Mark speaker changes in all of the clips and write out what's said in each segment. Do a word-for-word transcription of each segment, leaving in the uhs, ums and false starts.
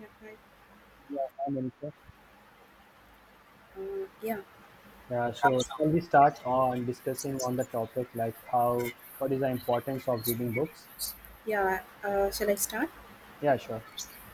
Speaker 1: Yeah, hi.
Speaker 2: Yeah, hi, Manisha.
Speaker 1: Uh, yeah,
Speaker 2: Yeah, so can we start on discussing on the topic like how what is the importance of reading books?
Speaker 1: yeah. Uh, shall I start?
Speaker 2: Yeah, sure.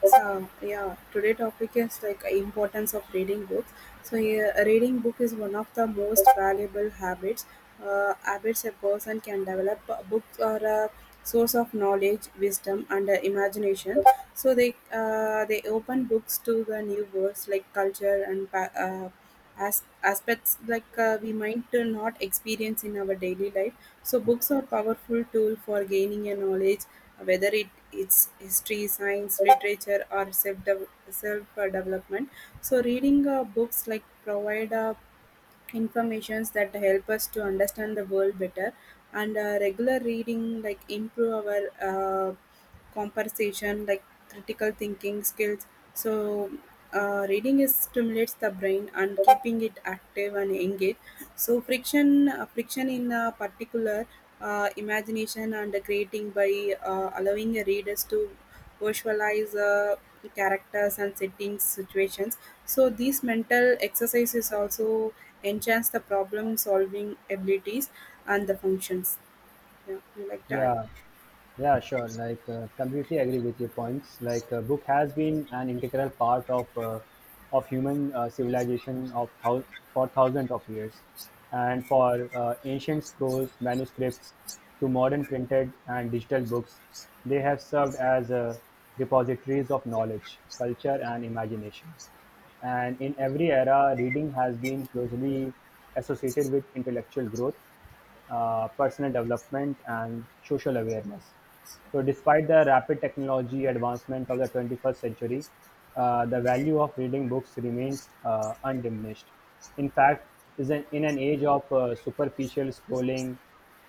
Speaker 1: So, yeah, today topic is like importance of reading books. So, yeah, reading book is one of the most valuable habits. Uh, habits a person can develop. Uh, Books are a source of knowledge, wisdom, and uh, imagination. So they uh, they open books to the new worlds like culture and pa- uh, as aspects like uh, we might uh, not experience in our daily life, so
Speaker 2: Yes.
Speaker 1: books are powerful tool for gaining a knowledge, whether it it's history, science, literature, or self self uh, development. So reading uh, books like provide a informations that help us to understand the world better, and uh, regular reading like improve our uh, conversation like critical thinking skills. So uh, reading is stimulates the brain and keeping it active and engaged. So friction uh, friction in uh, particular, uh, imagination and creating by uh, allowing readers to visualize uh, characters and settings situations. So these mental exercises also enhance the problem solving abilities and the functions. Yeah, you like that.
Speaker 2: Yeah, yeah, sure. Like uh, completely agree with your points. Like uh, book has been an integral part of uh, of human uh, civilization of thou- for thousands of years, and for uh, ancient scrolls, manuscripts, to modern printed and digital books, they have served as uh, repositories of knowledge, culture, and imagination. And in every era, reading has been closely associated with intellectual growth, uh, personal development, and social awareness. So, despite the rapid technology advancement of the twenty-first century, uh, the value of reading books remains uh, undiminished. In fact, is an, in an age of uh, superficial scrolling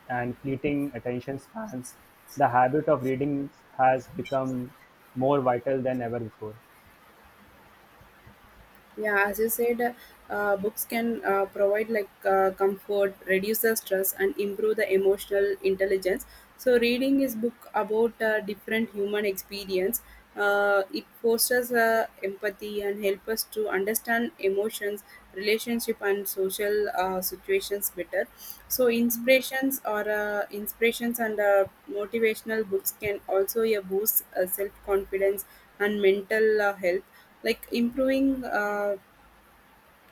Speaker 2: and fleeting attention spans, the habit of reading has become more vital than ever before.
Speaker 1: Yeah, as you said, uh, books can uh, provide like uh, comfort, reduce the stress, and improve the emotional intelligence. So, reading is book about uh, different human experience. Uh, it fosters uh, empathy and help us to understand emotions, relationship, and social uh, situations better. So, inspirations or uh, inspirations and uh, motivational books can also uh, boost uh, self confidence and mental uh, health, like improving uh,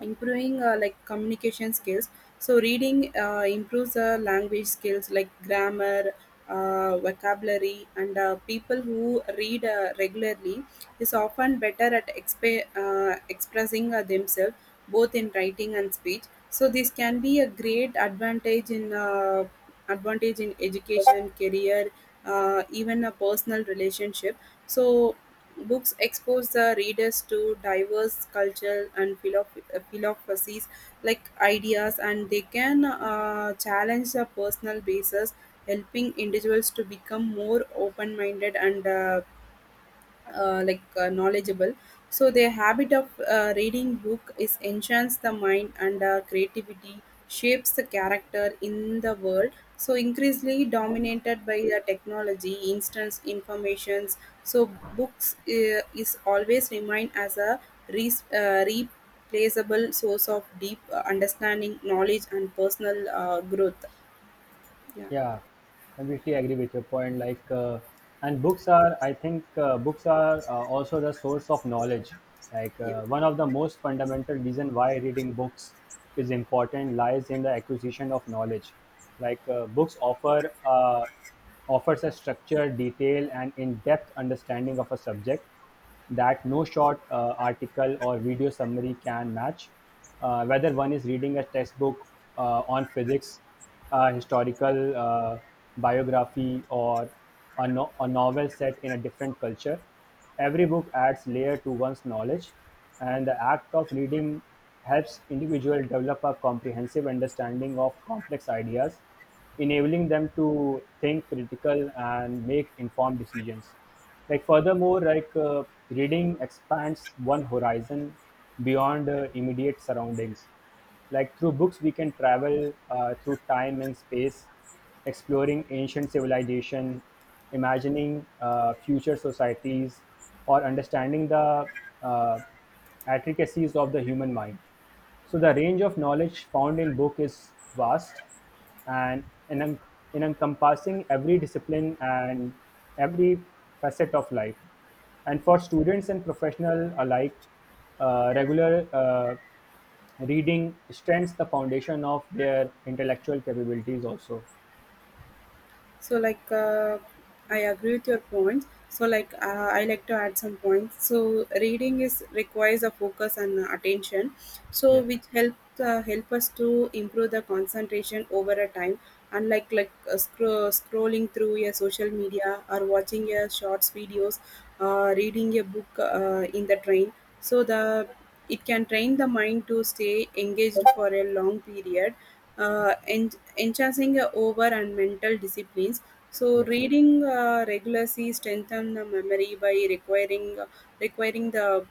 Speaker 1: improving uh, like communication skills. So reading uh, improves uh, language skills like grammar, uh, vocabulary, and uh, people who read uh, regularly is often better at exp- uh, expressing uh, themselves, both in writing and speech. So this can be a great advantage in uh, advantage in education, career, uh, even a personal relationship. So books expose the readers to diverse culture and philosoph- uh, philosophies like ideas, and they can uh, challenge the personal basis, helping individuals to become more open minded and uh, uh, like uh, knowledgeable. So their habit of uh, reading book is enchants the mind and uh, creativity, shapes the character in the world, so increasingly dominated by the technology instant informations. So books uh, is always remain as a re- uh, replaceable source of deep uh, understanding, knowledge, and personal uh, growth, yeah.
Speaker 2: Yeah, completely agree with your point. Like, uh, and books are, I think, uh, books are uh, also the source of knowledge. Like, uh, one of the most fundamental reason why reading books is important lies in the acquisition of knowledge. Like, uh, books offer uh, offers a structured, detailed, and in-depth understanding of a subject that no short uh, article or video summary can match. Uh, whether one is reading a textbook uh, on physics, a historical uh, biography, or a, no- a novel set in a different culture, every book adds layer to one's knowledge, and the act of reading helps individual develop a comprehensive understanding of complex ideas enabling them to think critical and make informed decisions like furthermore like uh, reading expands one horizon beyond uh, immediate surroundings like through books we can travel uh, through time and space exploring ancient civilization imagining uh, future societies or understanding the uh, intricacies of the human mind so the range of knowledge found in book is vast and in enem- in encompassing every discipline and every facet of life. And for students and professional alike, uh, regular uh, reading strengthens the foundation of their intellectual capabilities also.
Speaker 1: So like uh, I agree with your points, so like uh, I like to add some points. So reading is requires a focus and uh, attention, so
Speaker 2: Yes,
Speaker 1: which help uh, help us to improve the concentration over a time, unlike like uh, scro- scrolling through your social media or watching your shorts videos. Uh, reading a book uh, in the train, so the it can train the mind to stay engaged for a long period, uh, en- enhancing uh, over and mental disciplines. So,
Speaker 2: yes.
Speaker 1: reading uh, regularly strengthen the memory by requiring requiring the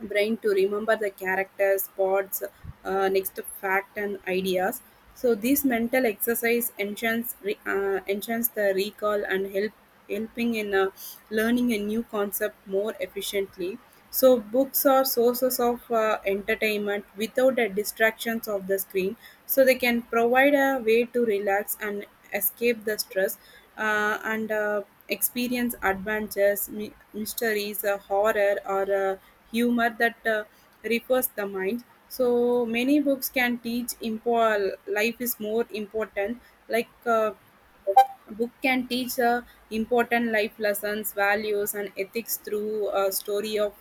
Speaker 1: brain to remember the characters, spots, uh, next fact and ideas. So this mental exercise enchants re- uh, enchants the recall and help helping in uh, learning a new concept more efficiently. So books are sources of uh, entertainment without the distractions of the screen. So they can provide a way to relax and escape the stress, uh, and uh, experience adventures, my- mysteries, uh, horror, or uh, humor that uh, refers the mind. So many books can teach impo- life is more important, like uh, a book can teach uh, important life lessons, values, and ethics through a story of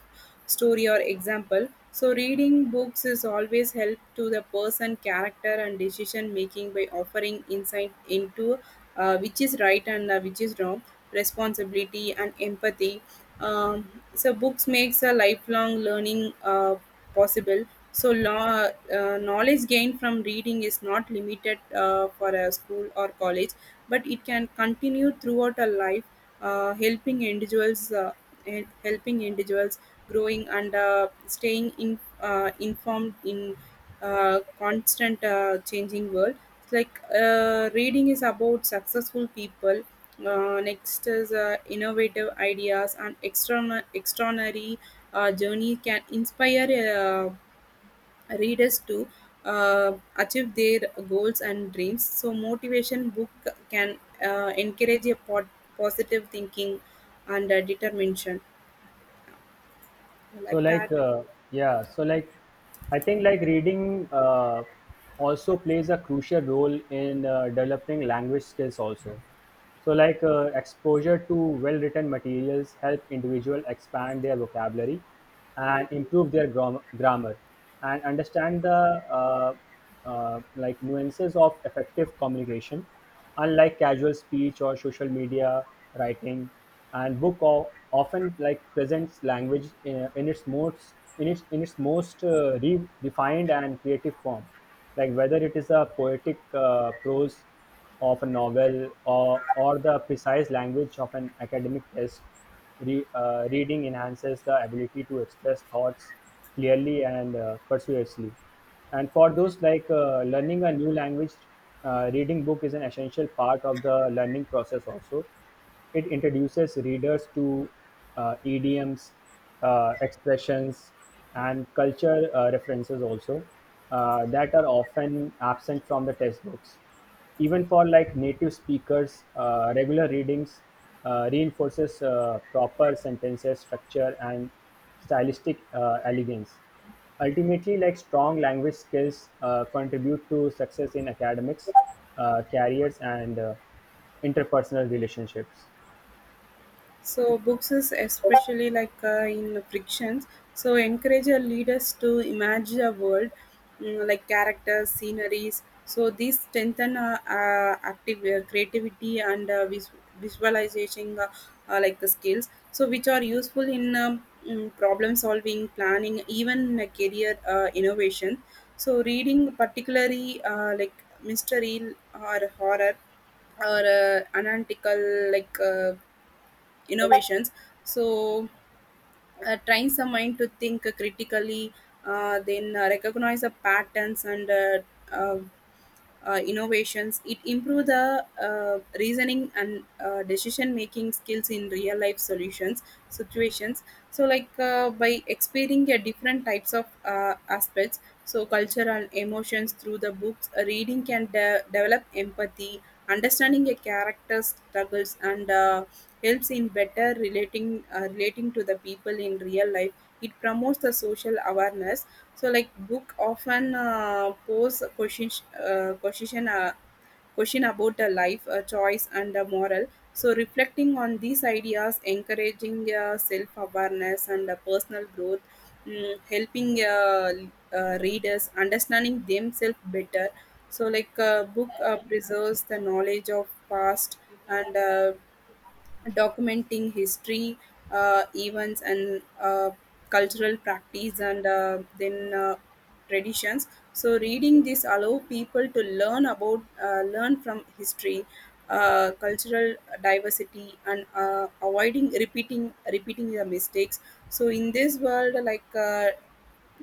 Speaker 1: story or example. So reading books is always help to the person character and decision making by offering insight into uh, which is right and uh, which is wrong, responsibility and empathy. um, so books makes a lifelong learning uh, possible, so law, uh, knowledge gained from reading is not limited uh, for a school or college, but it can continue throughout a life, uh, helping individuals uh, in helping individuals growing and uh, staying in, uh, informed in uh, constant uh, changing world. It's like uh, reading is about successful people. Uh, next is uh, innovative ideas and external extraordinary uh, journey can inspire uh, readers to uh, achieve their goals and dreams. So motivation book can uh, encourage a pot- positive thinking and uh, determination
Speaker 2: So
Speaker 1: like that.
Speaker 2: like uh, yeah so like I think like reading uh, also plays a crucial role in uh, developing language skills also, so like uh, exposure to well written materials help individual expand their vocabulary
Speaker 1: Yeah.
Speaker 2: and improve their grom- grammar and understand the uh, uh, like nuances of effective communication, unlike casual speech or social media writing, and book o- often like presents language in, in its most in its, in its most uh, refined and creative form, like whether it is a poetic uh, prose of a novel, or, or the precise language of an academic test. Re, uh, reading enhances the ability to express thoughts clearly and uh, persuasively, and for those like uh, learning a new language, uh, reading book is an essential part of the learning process also. It introduces readers to uh, idioms, uh, expressions, and culture uh, references also, uh, that are often absent from the textbooks, even for like native speakers. Uh, regular readings uh, reinforces uh, proper sentences structure and stylistic uh, elegance. Ultimately, like strong language skills uh, contribute to success in academics, uh, careers, and uh, interpersonal relationships.
Speaker 1: So books is especially like uh, in frictions, so encourage your leaders to imagine a world, mm, like characters, sceneries. So these strengthen uh, uh, active uh, creativity and uh, vis- visualization uh, uh, like the skills, so which are useful in um, mm, problem solving, planning, even uh, career uh, innovation. So reading particularly uh, like mystery or horror or uh, analytical like. Uh, innovations, so uh, trains the mind to think critically, uh, then uh, recognize the patterns and uh, uh, uh, innovations. It improve the uh, reasoning and uh, decision making skills in real life solutions situations. So like uh, by experiencing a different types of uh, aspects, so culture and emotions through the books, uh, reading can de- develop empathy, understanding a character's struggles, and uh, helps in better relating uh, relating to the people in real life. It promotes the social awareness. So like book often uh, pose question uh, question uh, question about the life uh, choice and the moral. So reflecting on these ideas encouraging uh, self-awareness and uh, personal growth, mm, helping uh, uh, readers understanding themselves better. So like uh, book uh, preserves the knowledge of past and uh, documenting history, uh, events, and uh, cultural practice, and uh, then uh, traditions. So, reading this allow people to learn about uh, learn from history, uh, cultural diversity, and uh, avoiding repeating repeating the mistakes. So, in this world, like. Uh,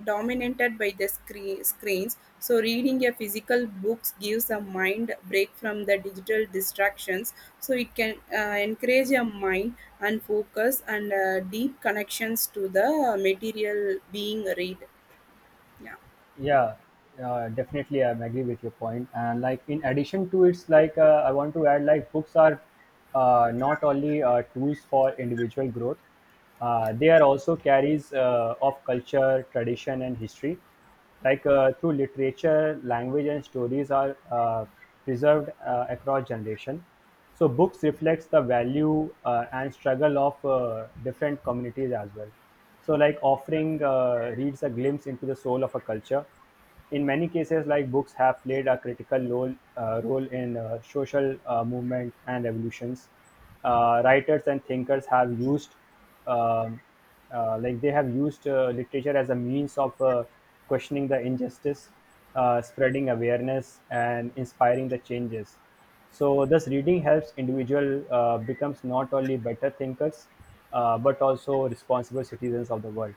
Speaker 1: Dominated by the screen, screens, so reading a physical books gives a mind break from the digital distractions. So it can uh, encourage your mind and focus and uh, deep connections to the material being read. Yeah,
Speaker 2: Yeah, uh, definitely, I'm agree with your point. And like in addition to it's like uh, I want to add like books are uh, not only uh, tools for individual growth. Uh, they
Speaker 1: yeah.
Speaker 2: are also carries uh, of culture, tradition, and history. Like uh, through literature, language, and stories are uh, preserved uh, across generation. So books reflects the value uh, and struggle of uh, different communities as well, so like offering uh, reads a glimpse into the soul of a culture. In many cases, like books have played a critical role uh, role in uh, social uh, movement and revolutions. Uh, writers and thinkers have used um, uh, like they have used uh, literature as a means of uh, questioning the injustice, uh, spreading awareness and inspiring the changes. So thus reading helps individual uh, becomes not only better thinkers, uh, but also responsible citizens of the world.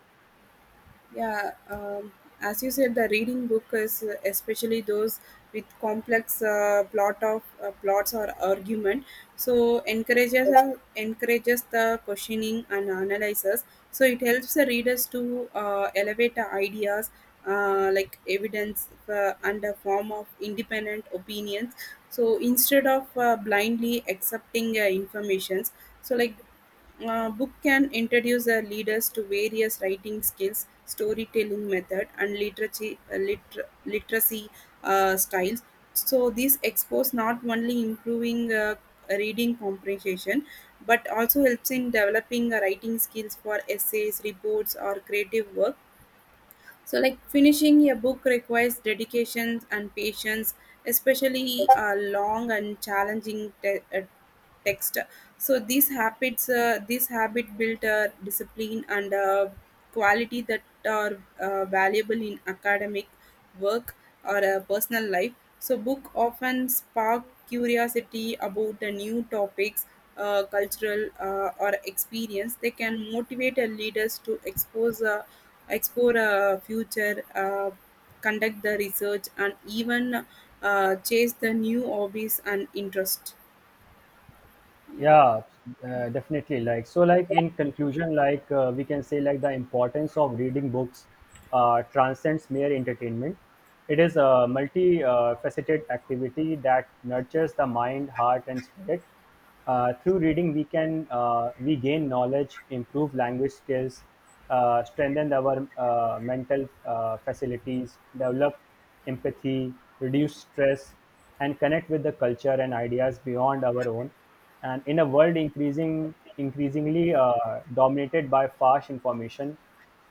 Speaker 1: Yeah, um, as you said, the reading book is uh, especially those with complex uh, plot of uh, plots or argument. So encourages encourages the questioning and analysis. So it helps the readers to uh, elevate the ideas uh, like evidence uh, under form of independent opinions. So instead of uh, blindly accepting uh, informations, so like a book can introduce the readers to various writing skills, storytelling method, and literacy, uh, liter- literacy uh, styles. So these expose not only improving uh, reading comprehension, but also helps in developing uh, writing skills for essays, reports, or creative work. So like finishing a book requires dedication and patience, especially uh, long and challenging te- uh, text. So these habits uh, this habit built uh, discipline and uh, quality that are uh, valuable in academic work or uh, personal life. So book often spark curiosity about the new topics, uh, cultural uh, or experience. They can motivate uh, leaders to expose uh, explore a future, uh, conduct the research, and even uh, chase the new hobbies and interest, yeah.
Speaker 2: Yeah, uh, definitely, like so like in conclusion like uh, we can say like the importance of reading books uh, transcends mere entertainment. It is a multi uh, faceted activity that nurtures the mind, heart and spirit. Uh, through reading we can uh, we gain knowledge, improve language skills, uh, strengthen our uh, mental uh, facilities, develop empathy, reduce stress, and connect with the culture and ideas beyond our own. And in a world increasing, increasingly uh, dominated by fast information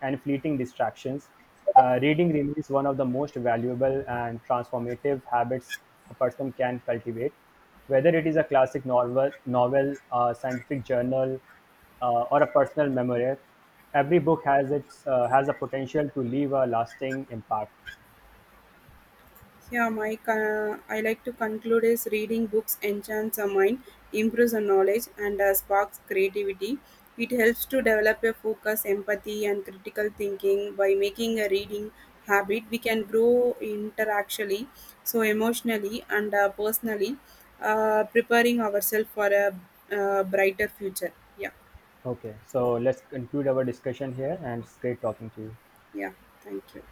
Speaker 2: and fleeting distractions, uh, reading remains one of the most valuable and transformative habits a person can cultivate. Whether it is a classic novel, novel, a scientific journal, uh, or a personal memoir, every book has its uh, has a potential to leave a lasting impact.
Speaker 1: Yeah, my uh, I like to conclude is reading books enchants the mind, improves the knowledge, and uh, sparks creativity. It helps to develop a focus, empathy, and critical thinking. By making a reading habit, we can grow interactually, so emotionally and uh, personally, uh, preparing ourselves for a uh, brighter future. Yeah,
Speaker 2: Okay, so let's conclude our discussion here, and it's great talking to you.
Speaker 1: yeah. Thank you.